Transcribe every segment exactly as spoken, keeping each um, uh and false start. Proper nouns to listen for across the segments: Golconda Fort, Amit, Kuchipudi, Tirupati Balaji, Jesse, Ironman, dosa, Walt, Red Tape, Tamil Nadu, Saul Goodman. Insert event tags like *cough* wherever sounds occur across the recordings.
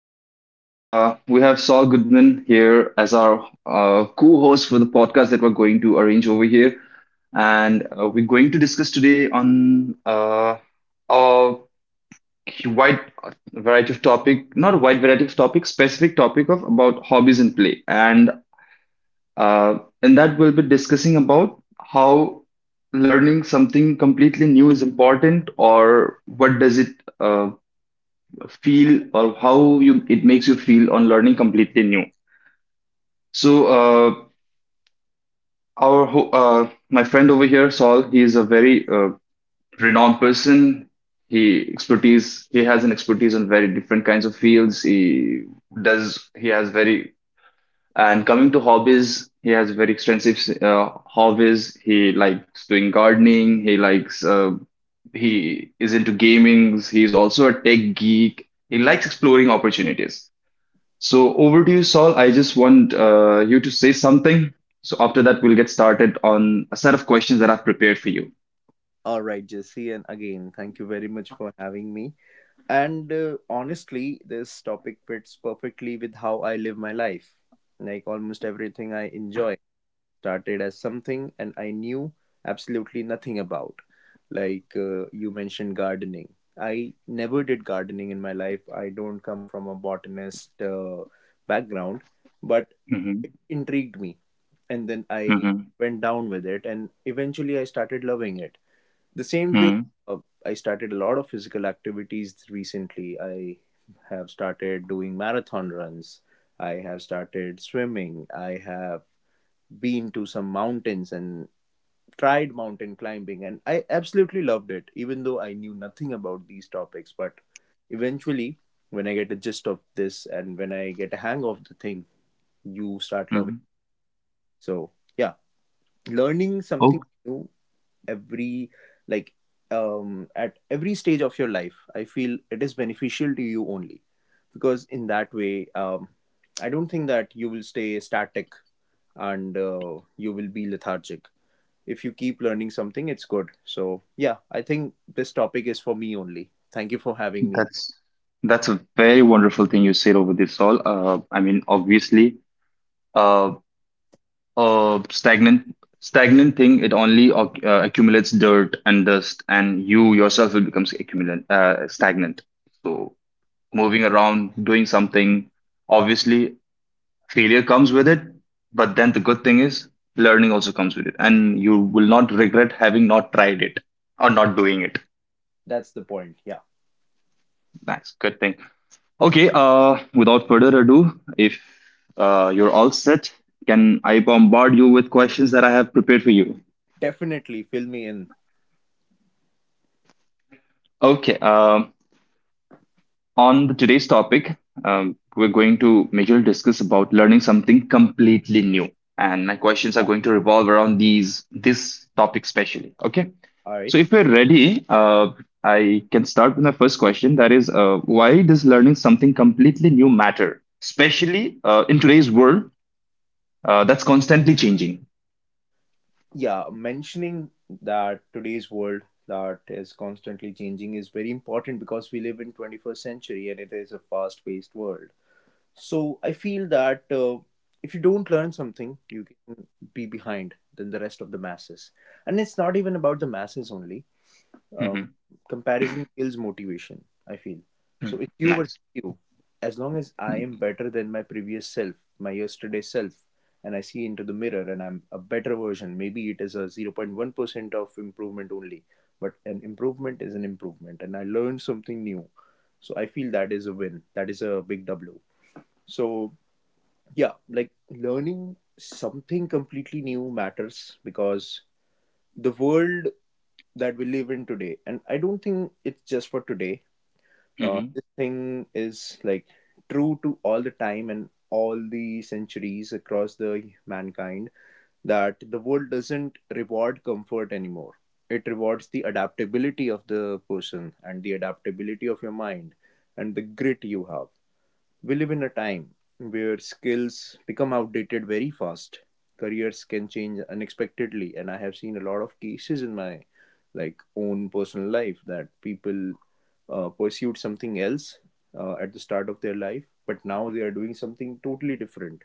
Hello, everyone. Uh, we have Saul Goodman here as our uh, co host for the podcast that we're going to arrange over here. And uh, we're going to discuss today on uh, a wide variety of topic, not a wide variety of topic, specific topic of about hobbies and play. And uh, in that, we'll be discussing about how learning something completely new is important or what does it uh, feel or how you it makes you feel on learning completely new. So uh, our ho- uh, my friend over here, Saul, he is a very uh, renowned person. He expertise he has an expertise on very different kinds of fields. He does he has very and coming to hobbies, he has very extensive uh, hobbies. He likes doing gardening. He likes uh, he is into gamings. He is also a tech geek. He likes exploring opportunities. So over to you, Saul. I just want uh, you to say something. So after that, we'll get started on a set of questions that I've prepared for you. All right, Jesse, and again, thank you very much for having me. And uh, Honestly, this topic fits perfectly with how I live my life. Like almost everything I enjoy started as something and I knew absolutely nothing about. Like uh, you mentioned gardening. I never did gardening in my life. I don't come from a botanist uh, background, but Mm-hmm. it intrigued me. And then I Mm-hmm. went down with it, and eventually I started loving it the same way. uh, I started a lot of physical activities recently. I have started doing marathon runs. I have started swimming. I have been to some mountains and tried mountain climbing, and I absolutely loved it, even though I knew nothing about these topics. But eventually, when I get the gist of this and when I get a hang of the thing, you start Mm-hmm. loving it. So, yeah, learning something Oh, new every like um at every stage of your life, I feel it is beneficial to you only because in that way, um I don't think that you will stay static, and uh, you will be lethargic if you keep learning something. It's good. So yeah, I think this topic is for me only. Thank you for having me. that's that's a very wonderful thing you said over this all. Uh, I mean, obviously, uh, uh, stagnant stagnant thing it only oc- uh, accumulates dirt and dust, and you yourself will become accumulate uh, stagnant. So moving around, doing something, obviously failure comes with it, but then the good thing is learning also comes with it, and you will not regret having not tried it or not doing it. That's the point. Yeah, Nice, good thing. Okay, uh without further ado, if uh, you're all set, can I bombard you with questions that I have prepared for you? definitely, fill me in. Okay. Um on the, today's topic, um, we're going to majorly discuss about learning something completely new, and my questions are Yeah, going to revolve around these this topic especially. Okay, all so right. if we're ready, uh, I can start with my first question. That is, uh, why does learning something completely new matter, especially uh, in today's world uh, that's constantly changing? Yeah, mentioning that today's world that is constantly changing is very important, because we live in twenty-first century and it is a fast paced world. So I feel that uh, if you don't learn something, you can be behind than the rest of the masses. And it's not even about the masses only. um, Hmm. Comparison kills motivation, I feel. So if you were Nice. you as long as I am better than my previous self, my yesterday self, and I see into the mirror and I'm a better version, maybe it is a zero point one percent of improvement only, but an improvement is an improvement, and I learned something new. So I feel that is a win, that is a big W. So yeah, like learning something completely new matters because the world that we live in today, and I don't think it's just for today, uh, Mhm, this thing is like true to all the time and all the centuries across the mankind, that the world doesn't reward comfort anymore. It rewards the adaptability of the person and the adaptability of your mind and the grit you have. We live in a time where skills become outdated very fast. Careers can change unexpectedly, and I have seen a lot of cases in my like own personal life that people uh, pursued something else uh, at the start of their life, but now they are doing something totally different.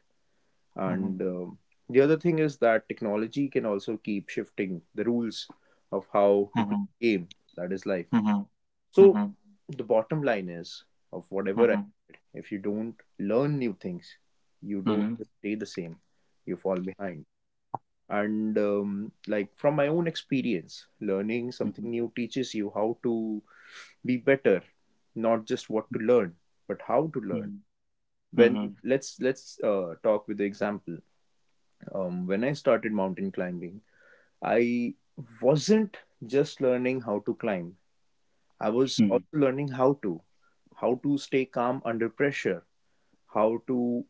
And um, The other thing is that technology can also keep shifting the rules of how to play the game. That is life. mhm, So mhm, the bottom line is of whatever I. mhm, if you don't learn new things, you don't mhm, just stay the same, you fall behind. And um, Like from my own experience, learning mhm, something new teaches you how to be better, not just what to learn, but how to learn. mhm, When mhm, let's let's uh, talk with the example. Um, when I started mountain climbing, I wasn't just learning how to climb. I was mhm, mhm, also learning how to, how to stay calm under pressure, how to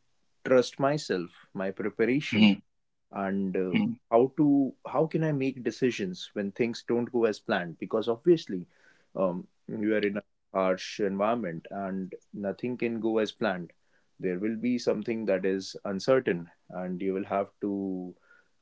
trust myself, my preparation, and uh, mhm, how to how can I make decisions when things don't go as planned? Because obviously, um, you are in a harsh environment and nothing can go as planned. There will be something that is uncertain, and you will have to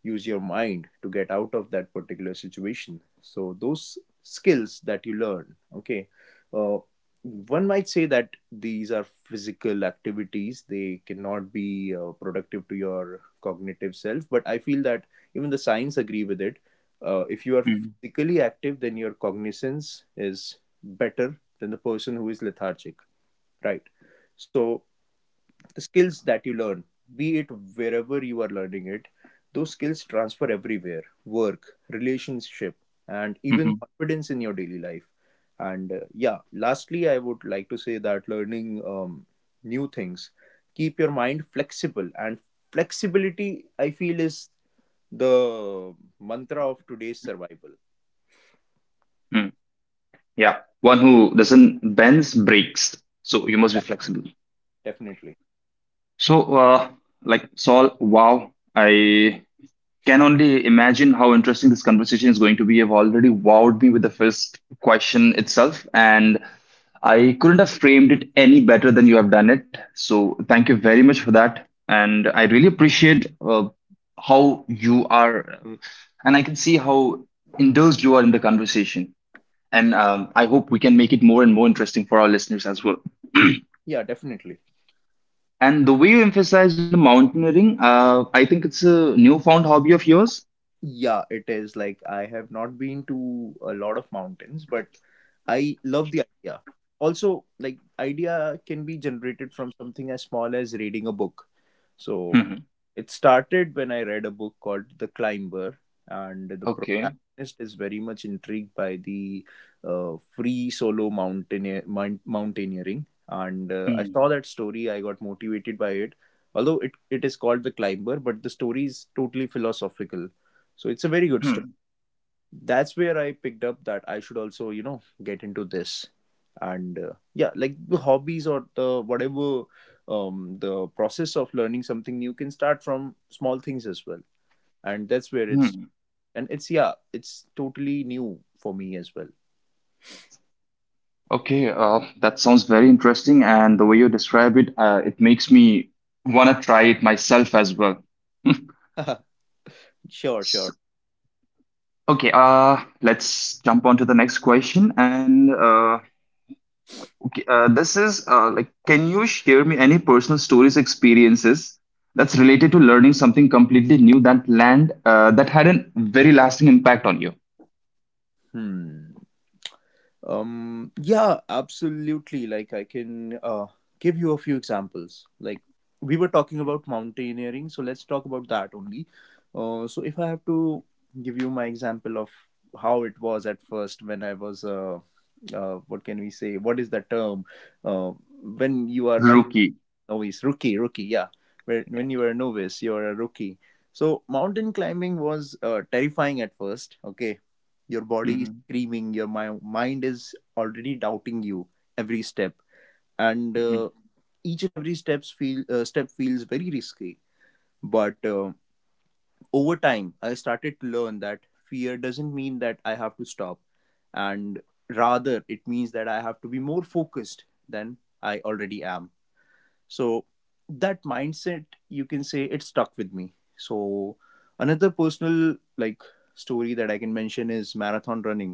use your mind to get out of that particular situation. So those skills that you learn, okay. Uh, One might say that these are physical activities, they cannot be uh, productive to your cognitive self, but I feel that even the science agree with it. Uh, if you are mhm, physically active, then your cognizance is better than the person who is lethargic, right? So the skills that you learn, be it wherever you are learning it, those skills transfer everywhere: work, relationship, and even mhm. confidence in your daily life. And uh, Yeah, lastly, I would like to say that learning um, new things keep your mind flexible. And flexibility, I feel, is the mantra of today's survival. Mm, yeah, one who doesn't bends breaks. So you must be flexible. Definitely. So, uh, like Saul, wow, I can only imagine how interesting this conversation is going to be. You've already wowed me with the first question itself, and I couldn't have framed it any better than you have done it. So, thank you very much for that, and I really appreciate uh, how you are, and I can see how indulged you are in the conversation. And um, I hope we can make it more and more interesting for our listeners as well. Yeah, definitely. And the way you emphasize on the mountaineering, uh, I think it's a newfound hobby of yours. Yeah, it is. Like, I have not been to a lot of mountains, but I love the idea. Also, like, idea can be generated from something as small as reading a book. So, Hmm. it started when I read a book called The Climber, and the Okay. protagonist is very much intrigued by the uh, free solo mountaineer, mount, mountaineering. And uh, I Hmm. saw that story, I got motivated by it. Although it, it is called The Climber, but the story is totally philosophical. So it's a very good story. Hmm. That's where I picked up that I should also, you know, get into this. And uh, Yeah, like the hobbies or the whatever, um, the process of learning something new can start from small things as well. And that's where it's, Hmm. and it's, yeah, it's totally new for me as well. Okay. Uh, that sounds very interesting, and the way you describe it, uh, it makes me wanna try it myself as well. *laughs* Sure, S sure. okay. Uh, let's jump on to the next question, and uh, Uh, this is uh, like, can you share me any personal stories, experiences that's related to learning something completely new that land uh, that had a very lasting impact on you? Hmm. Um, yeah, absolutely. Like I can uh, give you a few examples. Like we were talking about mountaineering, so let's talk about that only. Uh, so if I have to give you my example of how it was at first when I was, uh, uh, what can we say? What is the term? Uh, when you are a Rookie. novice, rookie, rookie, yeah. When when you are a novice, you are a rookie. So mountain climbing was uh, terrifying at first. Okay, your body is Mm-hmm. screaming, your mi- mind is already doubting you every step, and Mm-hmm. uh, each and every steps feel uh, step feels very risky. But uh, over time I started to learn that fear doesn't mean that I have to stop, and rather it means that I have to be more focused than I already am. So that mindset, you can say, it stuck with me. So another personal like story that I can mention is marathon running,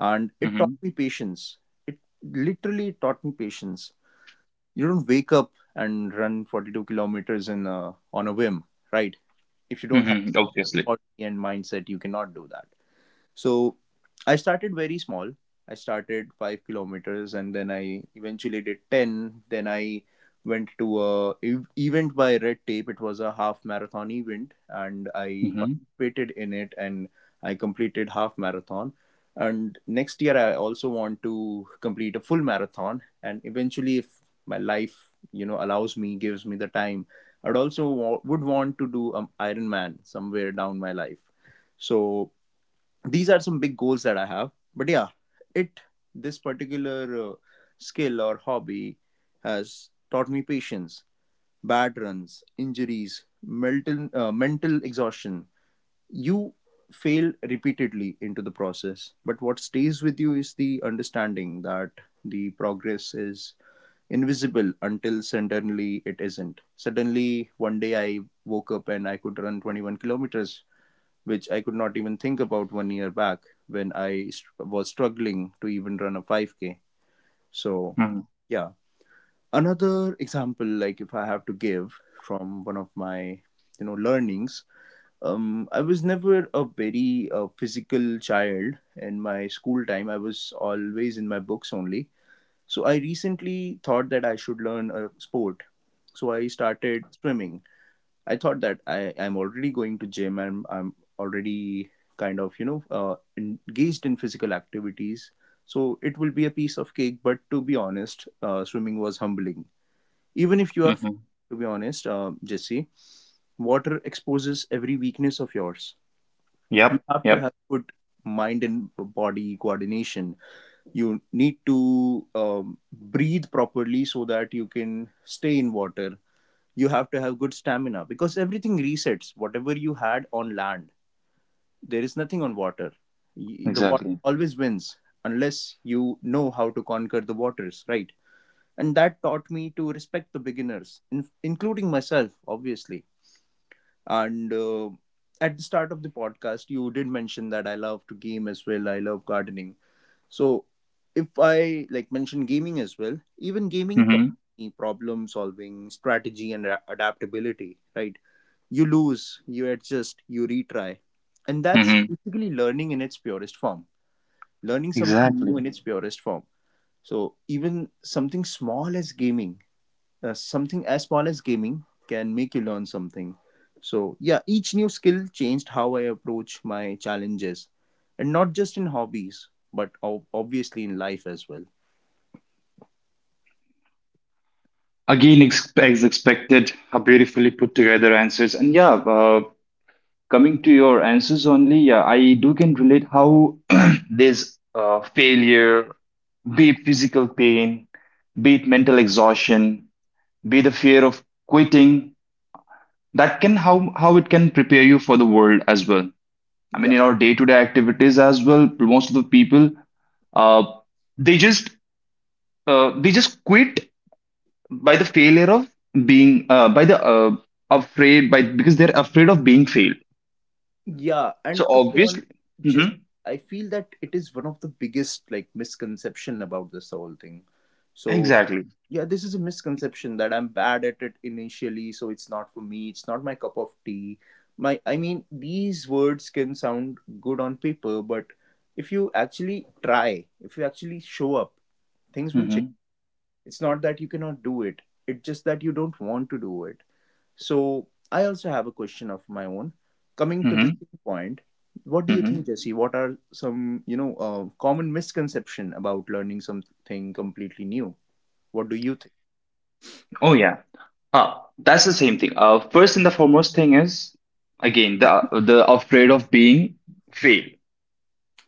and it taught Mm-hmm. me patience. It literally taught me patience. You don't wake up and run forty-two kilometers in a, on a whim, right? If you don't have Mm-hmm. Obviously. body and mindset, you cannot do that. So I started very small. I started five kilometers and then I eventually did ten. Then I went to a ev- event by Red Tape. It was a half marathon event and I Mm-hmm. participated in it, and I completed half marathon. And next year I also want to complete a full marathon, and eventually if my life, you know, allows me, gives me the time, I'd also wa- would want to do an Ironman somewhere down my life. So these are some big goals that I have. But yeah, it this particular uh, skill or hobby has taught me patience, bad runs, injuries, mental uh, mental exhaustion. You fail repeatedly into the process, but what stays with you is the understanding that the progress is invisible until suddenly it isn't. Suddenly one day I woke up and I could run twenty-one kilometers, which I could not even think about one year back, when I was struggling to even run a five K. So, Mm-hmm. yeah. Another example, like if I have to give from one of my, you know, learnings, um, I was never a very uh, physical child in my school time. I was always in my books only. So I recently thought that I should learn a sport. So I started swimming. I thought that I I'm already going to gym and I'm already kind of, you know, uh, engaged in physical activities, so it will be a piece of cake. But to be honest, uh, swimming was humbling. Even if you are fit, Mm-hmm. to be honest, uh, Jesse, water exposes every weakness of yours. You Yep, have to yep. have good mind and body coordination. You need to um, breathe properly so that you can stay in water. You have to have good stamina because everything resets, whatever you had on land, there is nothing on water. Y- the water Exactly. always wins, unless you know how to conquer the waters, right? And that taught me to respect the beginners, in, including myself obviously. And uh, at the start of the podcast you did mention that I love to game as well, I love gardening. So if I like mention gaming as well, even gaming taught Mm-hmm. me problem solving, strategy, and a- adaptability, right? You lose, you adjust, you retry. And that's Mm-hmm. basically learning in its purest form, learning something new Exactly. in its purest form. So, even something small as gaming, uh, something as small as gaming can make you learn something. So, yeah, each new skill changed how I approach my challenges, and not just in hobbies, but ob- obviously in life as well. Again, ex- as expected, how beautifully put together answers. And yeah, uh, coming to your answers only, yeah, I do can relate how *clears throat* there's uh, failure, be it physical pain, be it mental exhaustion, be the fear of quitting. That can how how it can prepare you for the world as well. I mean, Yeah. in our day-to-day activities as well, most of the people uh, they just uh, they just quit by the failure of being uh, by the uh, afraid by because they're afraid of being failed. Yeah, So and to be honest, obviously, just Mhm, I feel that it is one of the biggest like misconception about this whole thing. So exactly. yeah, this is a misconception that I'm bad at it initially, so it's not for me, it's not my cup of tea. My I mean, these words can sound good on paper, but if you actually try, if you actually show up, things will change. Mhm. It's not that you cannot do it. It's just that you don't want to do it. So I also have a question of my own. Coming to this Mhm. point, what do you think, Mhm. Jesse? What are some you know uh, common misconception about learning something completely new? What do you think? Oh yeah. Ah, that's the same thing. Uh, first and the foremost thing is again the the afraid of being fail.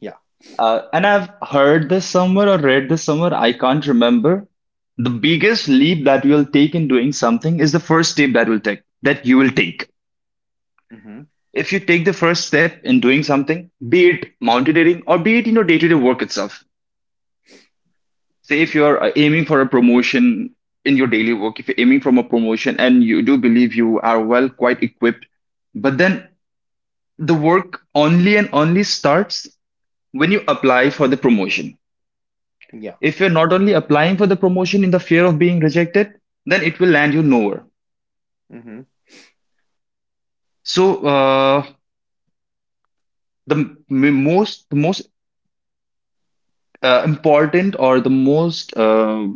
Yeah. Uh, and I've heard this somewhere or read this somewhere. I can't remember. The biggest leap that you'll take in doing something is the first step that will take that you will take. Mm-hmm. If you take the first step in doing something, be it mountaineering or be it in your day-to-day work itself, say if you're uh, aiming for a promotion in your daily work, if you're aiming from a promotion, and you do believe you are well quite equipped, but then the work only and only starts when you apply for the promotion. Yeah. If you're not only applying for the promotion in the fear of being rejected, then it will land you nowhere. Mm-hmm. So uh, the m- most the most uh, important, or the most uh,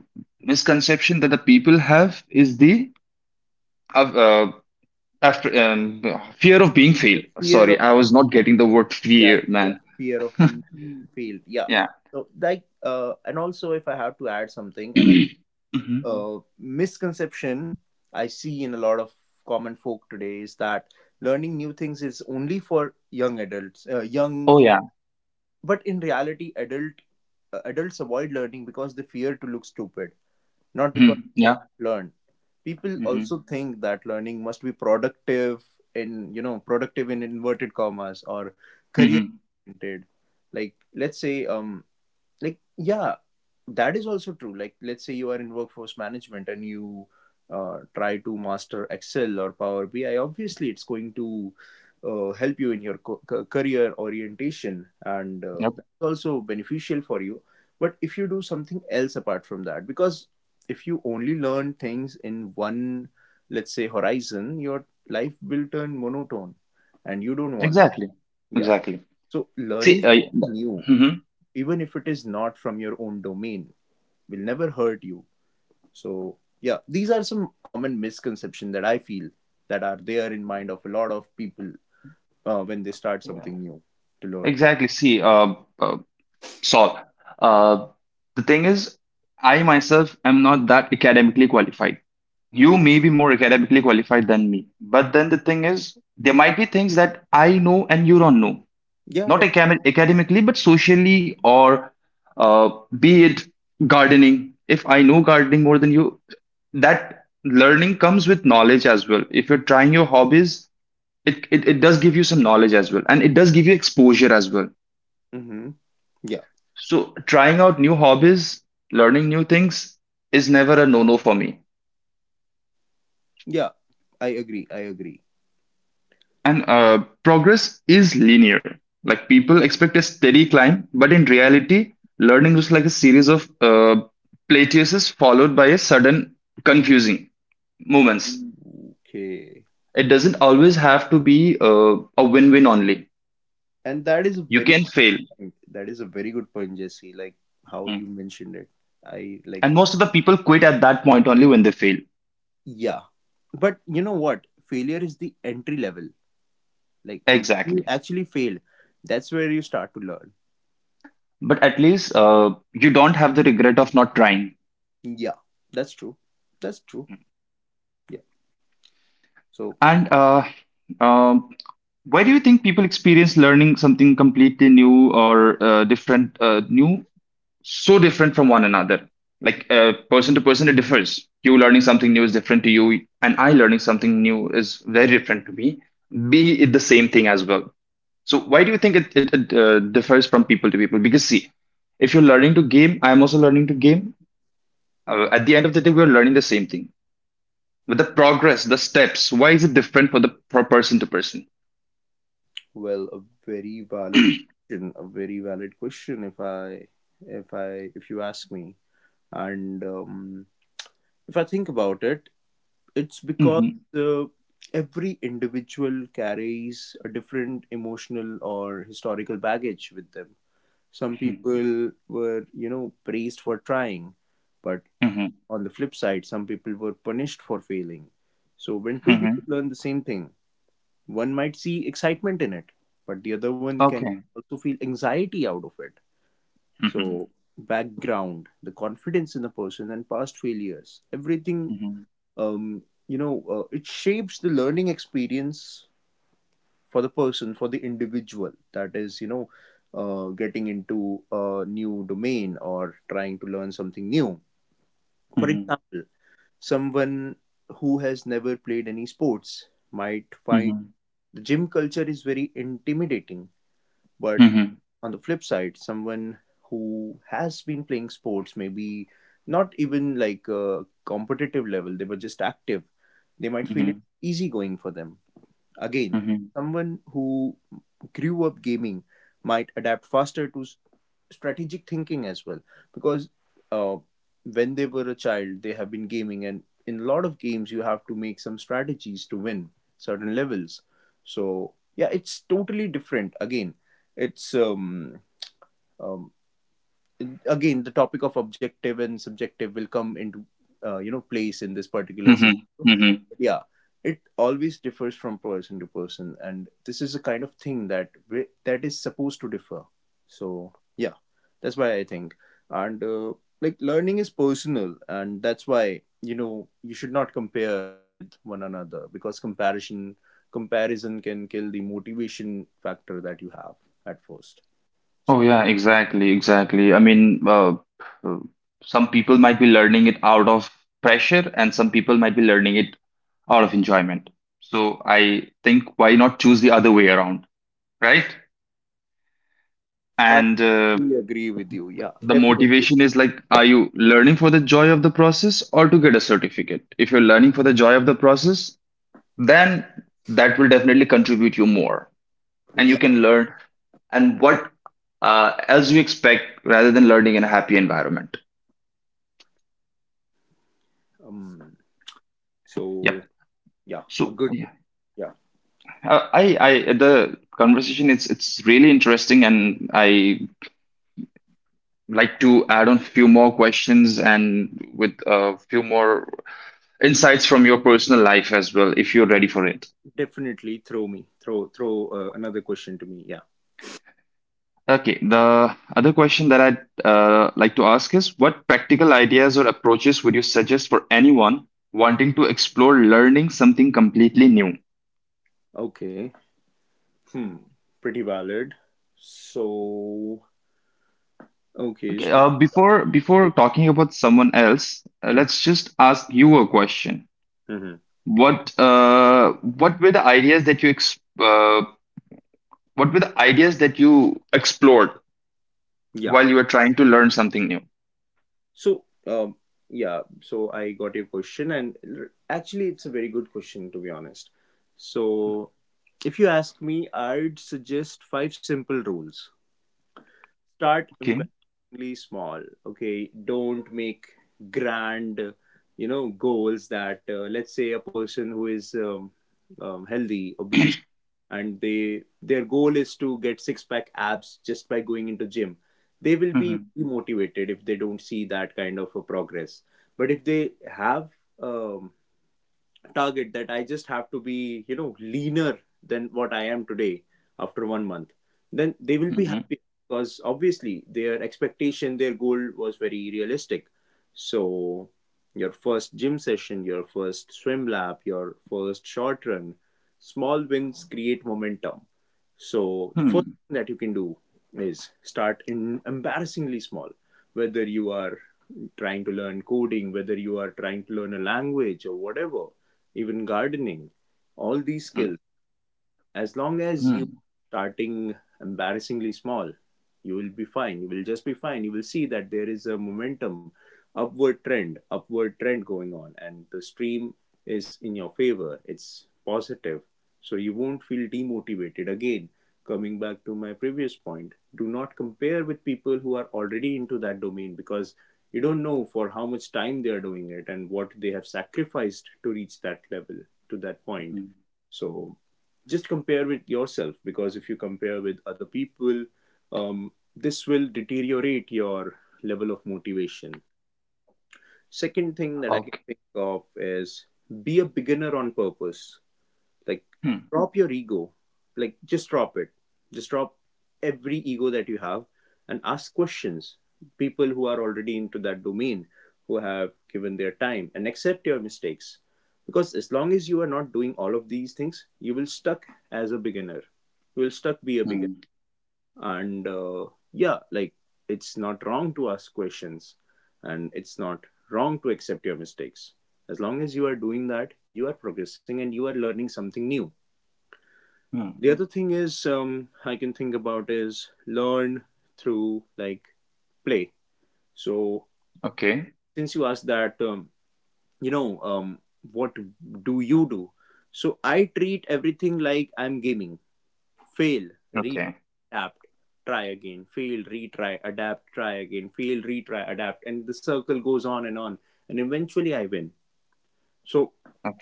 misconception that the people have is the uh, uh, after um, fear of being failed. Fear Sorry, of I was not getting yeah. the word Yeah, yeah, fear, yeah. man. Fear of being failed. Yeah. *laughs* Yeah. So like uh, and also if I have to add something, another *clears throat* Hmm. uh, misconception I see in a lot of common folk today is that learning new things is only for young adults, uh, Oh young. yeah. But in reality, adult uh, adults avoid learning because they fear to look stupid, not because Hmm. they can Yeah. learn. People Hmm. also think that learning must be productive in you know productive in inverted commas or career Hmm. oriented. Like let's say um like yeah, that is also true. Like let's say you are in workforce management and you uh, try to master excel or power B I. Obviously it's going to uh, help you in your co- ca- career orientation, and uh, Yep. that's also beneficial for you. But if you do something else apart from that, because if you only learn things in one, let's say, horizon, your life will turn monotone and you don't want that. Exactly. Yeah, Exactly. so See. learning Uh, something new, Hmm. even if it is not from your own domain, will never hurt you. So, yeah, these are some common misconceptions that I feel that are there in mind of a lot of people uh, when they start Yeah. something new to learn. Exactly. See. Uh, uh, Saul. Uh, the thing is, I myself am not that academically qualified. You may be more academically qualified than me, but then the thing is, there might be things that I know and you don't know. Yeah, Not def- acam- academically, but socially, or uh, be it gardening. If I know gardening more than you, that learning comes with knowledge as well. If you're trying your hobbies, it, it, it does give you some knowledge as well, and it does give you exposure as well. mm-hmm. Yeah, So trying out new hobbies, learning new things, is never a no-no for me. yeah. I agree. I agree. And uh, progress is linear. Like people expect a steady climb, but in reality, learning is like a series of uh, plateauses followed by a sudden confusing moments. Okay, It doesn't always have to be uh, a win win only. and that is a You very can fail. point. That is a very good point, Jesse. Like how Mm. you mentioned it. I like And most of the people quit yeah. at that point only when they fail. Yeah, but you know what? Failure is the entry level. Like you Exactly. actually fail. That's where you start to learn. But at least uh, you don't have the regret of not trying. Yeah, that's true. That's true. Yeah. So, And uh, um why do you think people experience learning something completely new or uh, different, uh, new, so different from one another? Like uh, person to person, it differs. You learning something new is different to you, and I learning something new is very different to me. Be it the same thing as well. So why do you think it, it, it uh, differs from people to people? Because see, if you're learning to game, I am also learning to game. Uh, mhm. At the end of the day, we're learning the same thing. But the progress, the steps, why is it different for the for person to person? Well, a very *clears throat* valid Mhm, question. A very valid question. If I, if I, if you ask me, and um, if I think about it, it's because mhm, uh, every individual carries a different emotional or historical baggage with them. Some people were, you know, praised for trying, but mhm. on the flip side, some people were punished for failing. So when two people Mhm. learn the same thing, one might see excitement in it, but the other one can Okay. also feel anxiety out of it. Mhm. So, background, the confidence in the person, and past failures, everything, Mhm. um, you know, uh, it shapes the learning experience for the person, for the individual. That is, you know, uh, getting into a new domain or trying to learn something new. For Mhm. example, someone who has never played any sports might find Mhm. the gym culture is very intimidating. But Mhm. on the flip side, someone who has been playing sports, maybe not even like a competitive level, they were just active, they might feel it Mhm. easy going for them. Again, Mhm. someone who grew up gaming might adapt faster to s- strategic thinking as well, because uh, when they were a child, they have been gaming, and in a lot of games you have to make some strategies to win certain levels. So yeah, it's totally different. Again, it's um, um again, the topic of objective and subjective will come into uh, you know place in this particular Mhm. scenario. Mhm. Yeah, it always differs from person to person, and this is a kind of thing that wi- that is supposed to differ. So yeah, that's why I think. And uh, like learning is personal, and that's why, you know, you should not compare with one another, because comparison comparison can kill the motivation factor that you have at first. Oh So yeah, exactly, exactly. I mean, uh, uh, some people might be learning it out of pressure, and some people might be learning it out of enjoyment. So I think why not choose the other way around, right? I And uh, really agree with you. Yeah, the definitely. motivation is like, are you learning for the joy of the process or to get a certificate? If you're learning for the joy of the process, then that will definitely contribute you more, and you Yeah. can learn and what uh, as you expect rather than learning in a happy environment. um Yep. so yeah, a So good yeah. yeah. Uh, I I the conversation, it's it's really interesting, and I like to add on a few more questions and with a few more insights from your personal life as well, if you're ready for it. Definitely throw me. Throw throw uh, another question to me. Yeah. Okay, the other question that I'd uh, like to ask is, what practical ideas or approaches would you suggest for anyone wanting to explore learning something completely new? Okay. Hmm. Pretty valid. So okay. Okay, So uh, before before talking about someone else, uh, hmm, let's just ask you a question. hmm, What uh, what were the ideas that you ex uh, what were the ideas that you explored yeah. while you were trying to learn something new? So um yeah. So I got your question, and r- actually, it's a very good question, to be honest. So if you ask me, I'd suggest five simple rules. Start Okay. embarrassingly small. Okay, don't make grand, you know, goals. That uh, let's say a person who is um, um, healthy obese and they their goal is to get six pack abs just by going into gym. They will be Hmm. demotivated if they don't see that kind of a progress. But if they have um, target that I just have to be, you know, leaner than what I am today after one month, then they will be Hmm. happy, because obviously their expectation, their goal was very realistic. So, your first gym session, your first swim lap, your first short run, small wins create momentum. So, the first Hmm. that you can do is start in embarrassingly small. Whether you are trying to learn coding, whether you are trying to learn a language, or whatever, even gardening, all these skills, as long as you Hmm. starting embarrassingly small, you will be fine. You will just be fine. You will see that there is a momentum, upward trend, upward trend, going on, and the stream is in your favor, it's positive, so you won't feel demotivated. Again, coming back to my previous point, do not compare with people who are already into that domain, because you don't know for how much time they are doing it and what they have sacrificed to reach that level, to that point. Hmm. So just compare with yourself, because if you compare with other people, um, this will deteriorate your level of motivation. Second thing that I Okay. can think of is, be a beginner on purpose. Like Hmm. drop your ego. Like just drop it. Just drop every ego that you have and ask questions. People who are already into that domain, who have given their time, and accept your mistakes. Because as long as you are not doing all of these things, you will stuck as a beginner. You will stuck be a beginner. Hmm. And uh, yeah, like it's not wrong to ask questions, and it's not wrong to accept your mistakes. As long as you are doing that, you are progressing and you are learning something new. Hmm. The other thing is, um, I can think about is, learn through like play. So Okay. since you asked that, um, you know, um, what do you do? So I treat everything like I'm gaming. Fail, re Okay. adapt, try again. Fail, retry, adapt, try again. Fail, retry, adapt, and the circle goes on and on. And eventually I win. So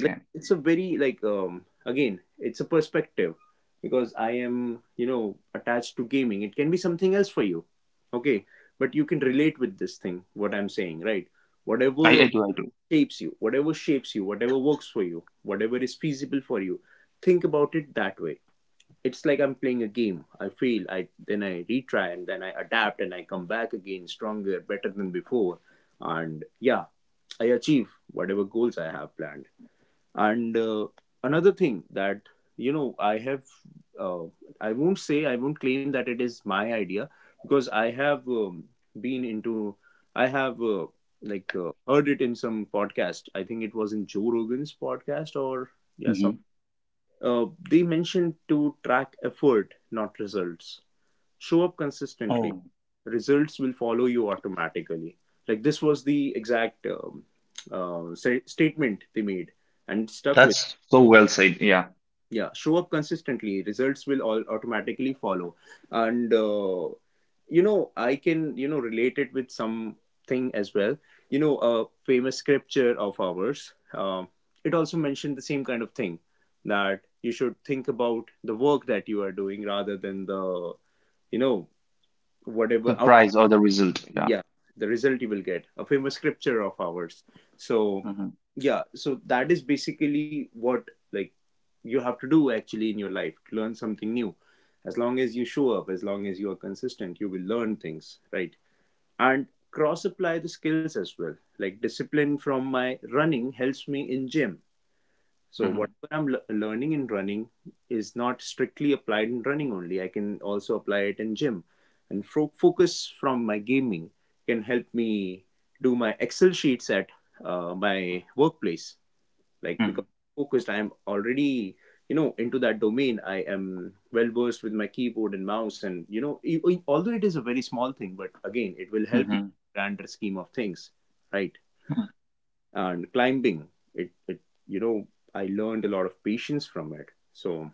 like it's a very like um again, it's a perspective, because I am, you know, attached to gaming. It can be something else for you, okay? But you can relate with this thing what I'm saying, right? I, whatever I do, I do. shapes you whatever shapes you whatever works for you, whatever is feasible for you, think about it that way. It's like I'm playing a game, I fail, I then I retry, and then I adapt, and I come back again stronger, better than before. And yeah, I achieve whatever goals I have planned. And uh, another thing that, you know, I have uh, I won't say, I won't claim that it is my idea, because I have um, been into, I have uh, like uh, heard it in some podcast. I think it was in Joe Rogan's podcast, or yeah, some Hmm. uh, they mentioned to track effort, not results. Show up consistently, Oh, results will follow you automatically. Like this was the exact um, uh, sa- statement they made, and stuck with. that's so well said. Yeah. Yeah, show up consistently, results will all automatically follow. And uh, you know, I can, you know, relate it with something as well. You know, a famous scripture of ours, uh, it also mentioned the same kind of thing, that you should think about the work that you are doing rather than the, you know, The whatever. prize or the result. Yeah. Yeah, the result you will get, a famous scripture of ours. So Hmm. yeah, so that is basically what, like, you have to do actually in your life to learn something new. As long as you show up, as long as you are consistent, you will learn things, right? And cross apply the skills as well, like discipline from my running helps me in gym. So Hmm. whatever I'm learning in running is not strictly applied in running only. I can also apply it in gym, and fo- focus from my gaming can help me do my Excel sheets at uh, my workplace. Like Hmm. because I'm focused, I am already, you know, into that domain. I am well versed with my keyboard and mouse, and you know e- e- although it is a very small thing, but again it will help you Hmm. in the grander scheme of things, right? And climbing it, it you know I learned a lot of patience from it. So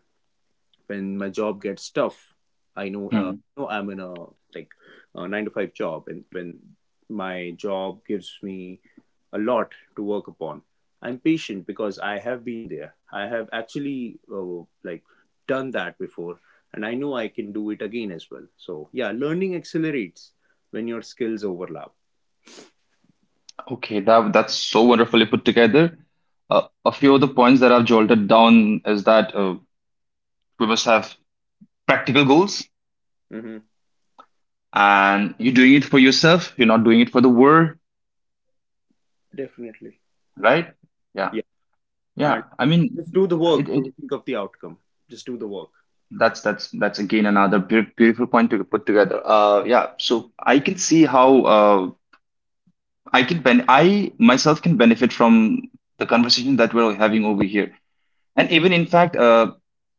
when my job gets tough, i know uh, Hmm. know I'm in a, like, a nine to five job, and when my job gives me a lot to work upon, I'm patient because I have been there. I have actually uh, like done that before, and I know I can do it again as well. So yeah, learning accelerates when your skills overlap. Okay, that that's so wonderfully put together. Uh, a few of the points that I've jolted down is that uh, we must have practical goals, Hmm. and you're doing it for yourself. You're not doing it for the world, Definitely. right? Yeah, Yeah. yeah. I mean, Just do the work. it, it Don't think of the outcome. Just do the work. That's that's that's again another beau- beautiful point to put together. Uh, yeah, so I can see how uh, I can ben I myself can benefit from the conversation that we're having over here, and Yeah. even in fact, uh,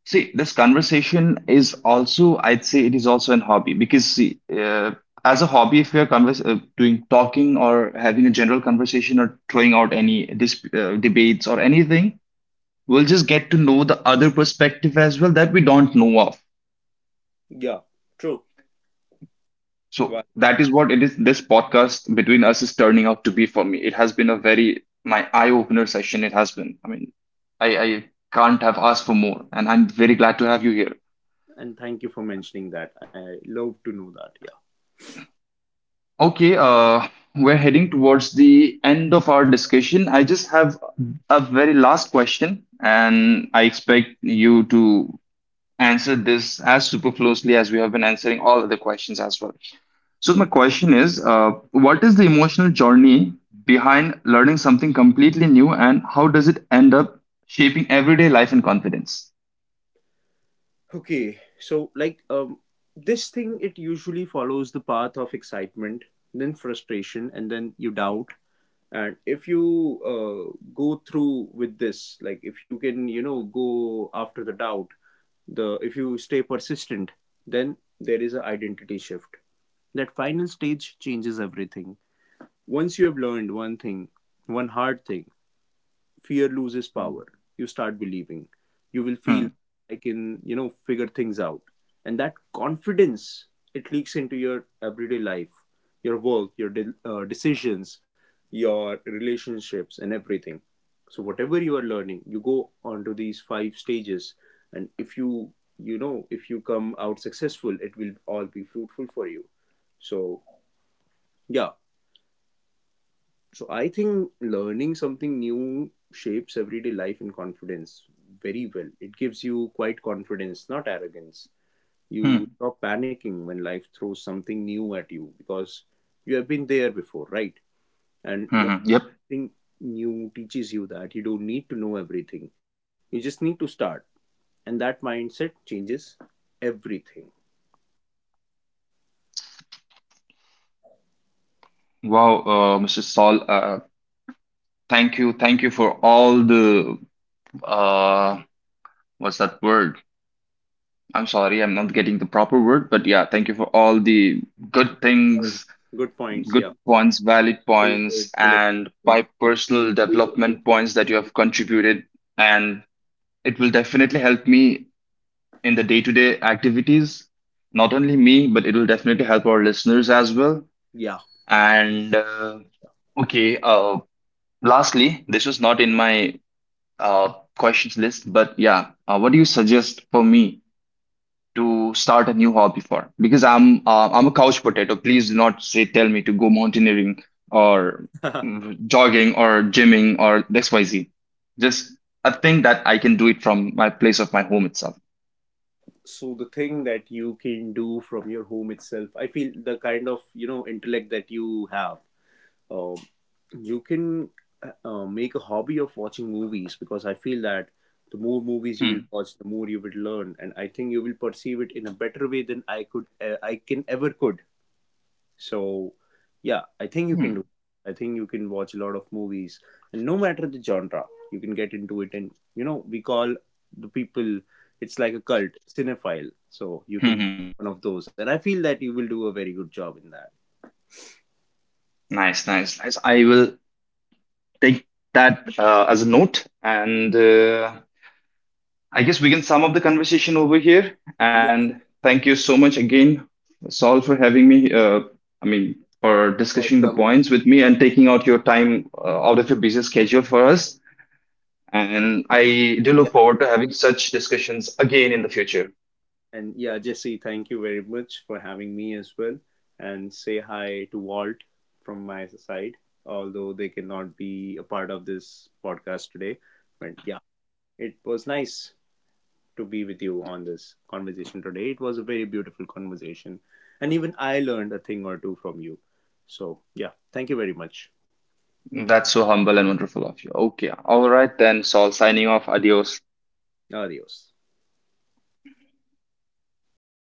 see, this conversation is also I'd say it is also an hobby because see, uh, as a hobby, if you're convers uh, doing talking or having a general conversation or throwing out any dis uh, debates or anything, we'll just get to know the other perspective as well that we don't know of. Yeah, true. Wow. So that is what it is. This podcast between us is turning out to be for me. It has been a very my eye opener session. It has been. I mean, I, I can't have asked for more, and I'm very glad to have you here. And thank you for mentioning that. I love to know that. Okay, uh, we're heading towards the end of our discussion. I just have a very last question, and I expect you to answer this as superfluously as we have been answering all other questions as well. So Yeah. my Okay. question is, uh, what is the emotional journey behind learning something completely new, and how does it end up shaping everyday life and confidence? Okay. So, like um this thing, it usually follows the path of excitement, then frustration, and then you doubt. And if you uh, go through with this, like if you can, you know, go after the doubt, the if you stay persistent, then there is an identity shift. That final stage changes everything. Once you have learned one thing, one hard thing, fear loses Hmm. power. You start believing. You will Hmm. feel I can, you know, figure things out. And that confidence, it leaks into your everyday life, your work, your de- uh, decisions, your relationships, and everything. So, whatever you are learning, you go onto these five stages. And if you, you know, if you come out successful, it will all be fruitful for you. So, yeah, so I think learning something new shapes everyday life and confidence very well. It gives you quite confidence, not arrogance. You Hmm. stop panicking when life throws something new at you because you have been there before, right? And Hmm. Yep. learning new teaches you that you don't need to know everything. You just need to start. And that mindset changes everything. Wow, uh, Mister Saul. Uh, thank you. Thank you for all the uh, what's that word? I'm sorry, I'm not getting the proper word, but yeah, thank you for all the good Points. things. Good points, Good yeah. points, valid points, Delivered, delivered. and by personal development points that you have contributed. And it will definitely help me in the day to day activities. Not only me, but it will definitely help our listeners as well. Yeah. And uh, okay, uh, lastly, this was not in my uh, questions list, but yeah, uh, what do you suggest for me to start a new hobby for, because I'm uh, I'm a couch potato. Please do not say tell me to go mountaineering, or *laughs* mm, jogging or gymming or X Y Z. Just a thing that I can do it from my place of my home itself. So the thing that you can do from your home itself, I feel the kind of, you know, intellect that you have, um, you can uh, uh, make a hobby of watching movies, because I feel that the more movies you will Hmm. watch, the more you will learn. And I think you will perceive it in a better way than i could uh, I can ever could. So, yeah, I think you can Hmm. do. I think you can watch a lot of movies, and no matter the genre, you can get into it. And you know, we call the people, it's like a cult, cinephile. So you can Hmm. be Hmm. one of those, and I feel that you will do a very good job in that. Nice, nice, nice. I will take that uh, as a note, and uh, I guess we can sum up the conversation over here. Yeah, And yeah, thank you so much again, Saul, for having me. Uh, I mean, for for discussing the coming. points with me and taking out your time uh, out of your busy schedule for us. And I do Yeah, look forward to having such discussions again in the future. and yeah, Jesse, thank you very much for having me as well, and say hi to Walt from my side. Although they cannot be a part of this podcast today, but yeah, it was nice to be with you on this conversation today. It was a very beautiful conversation, and even I learned a thing or two from you. So, yeah, thank you very much. That's so humble and wonderful of you. Okay. All right, then, Saul signing off. Adios. Adios.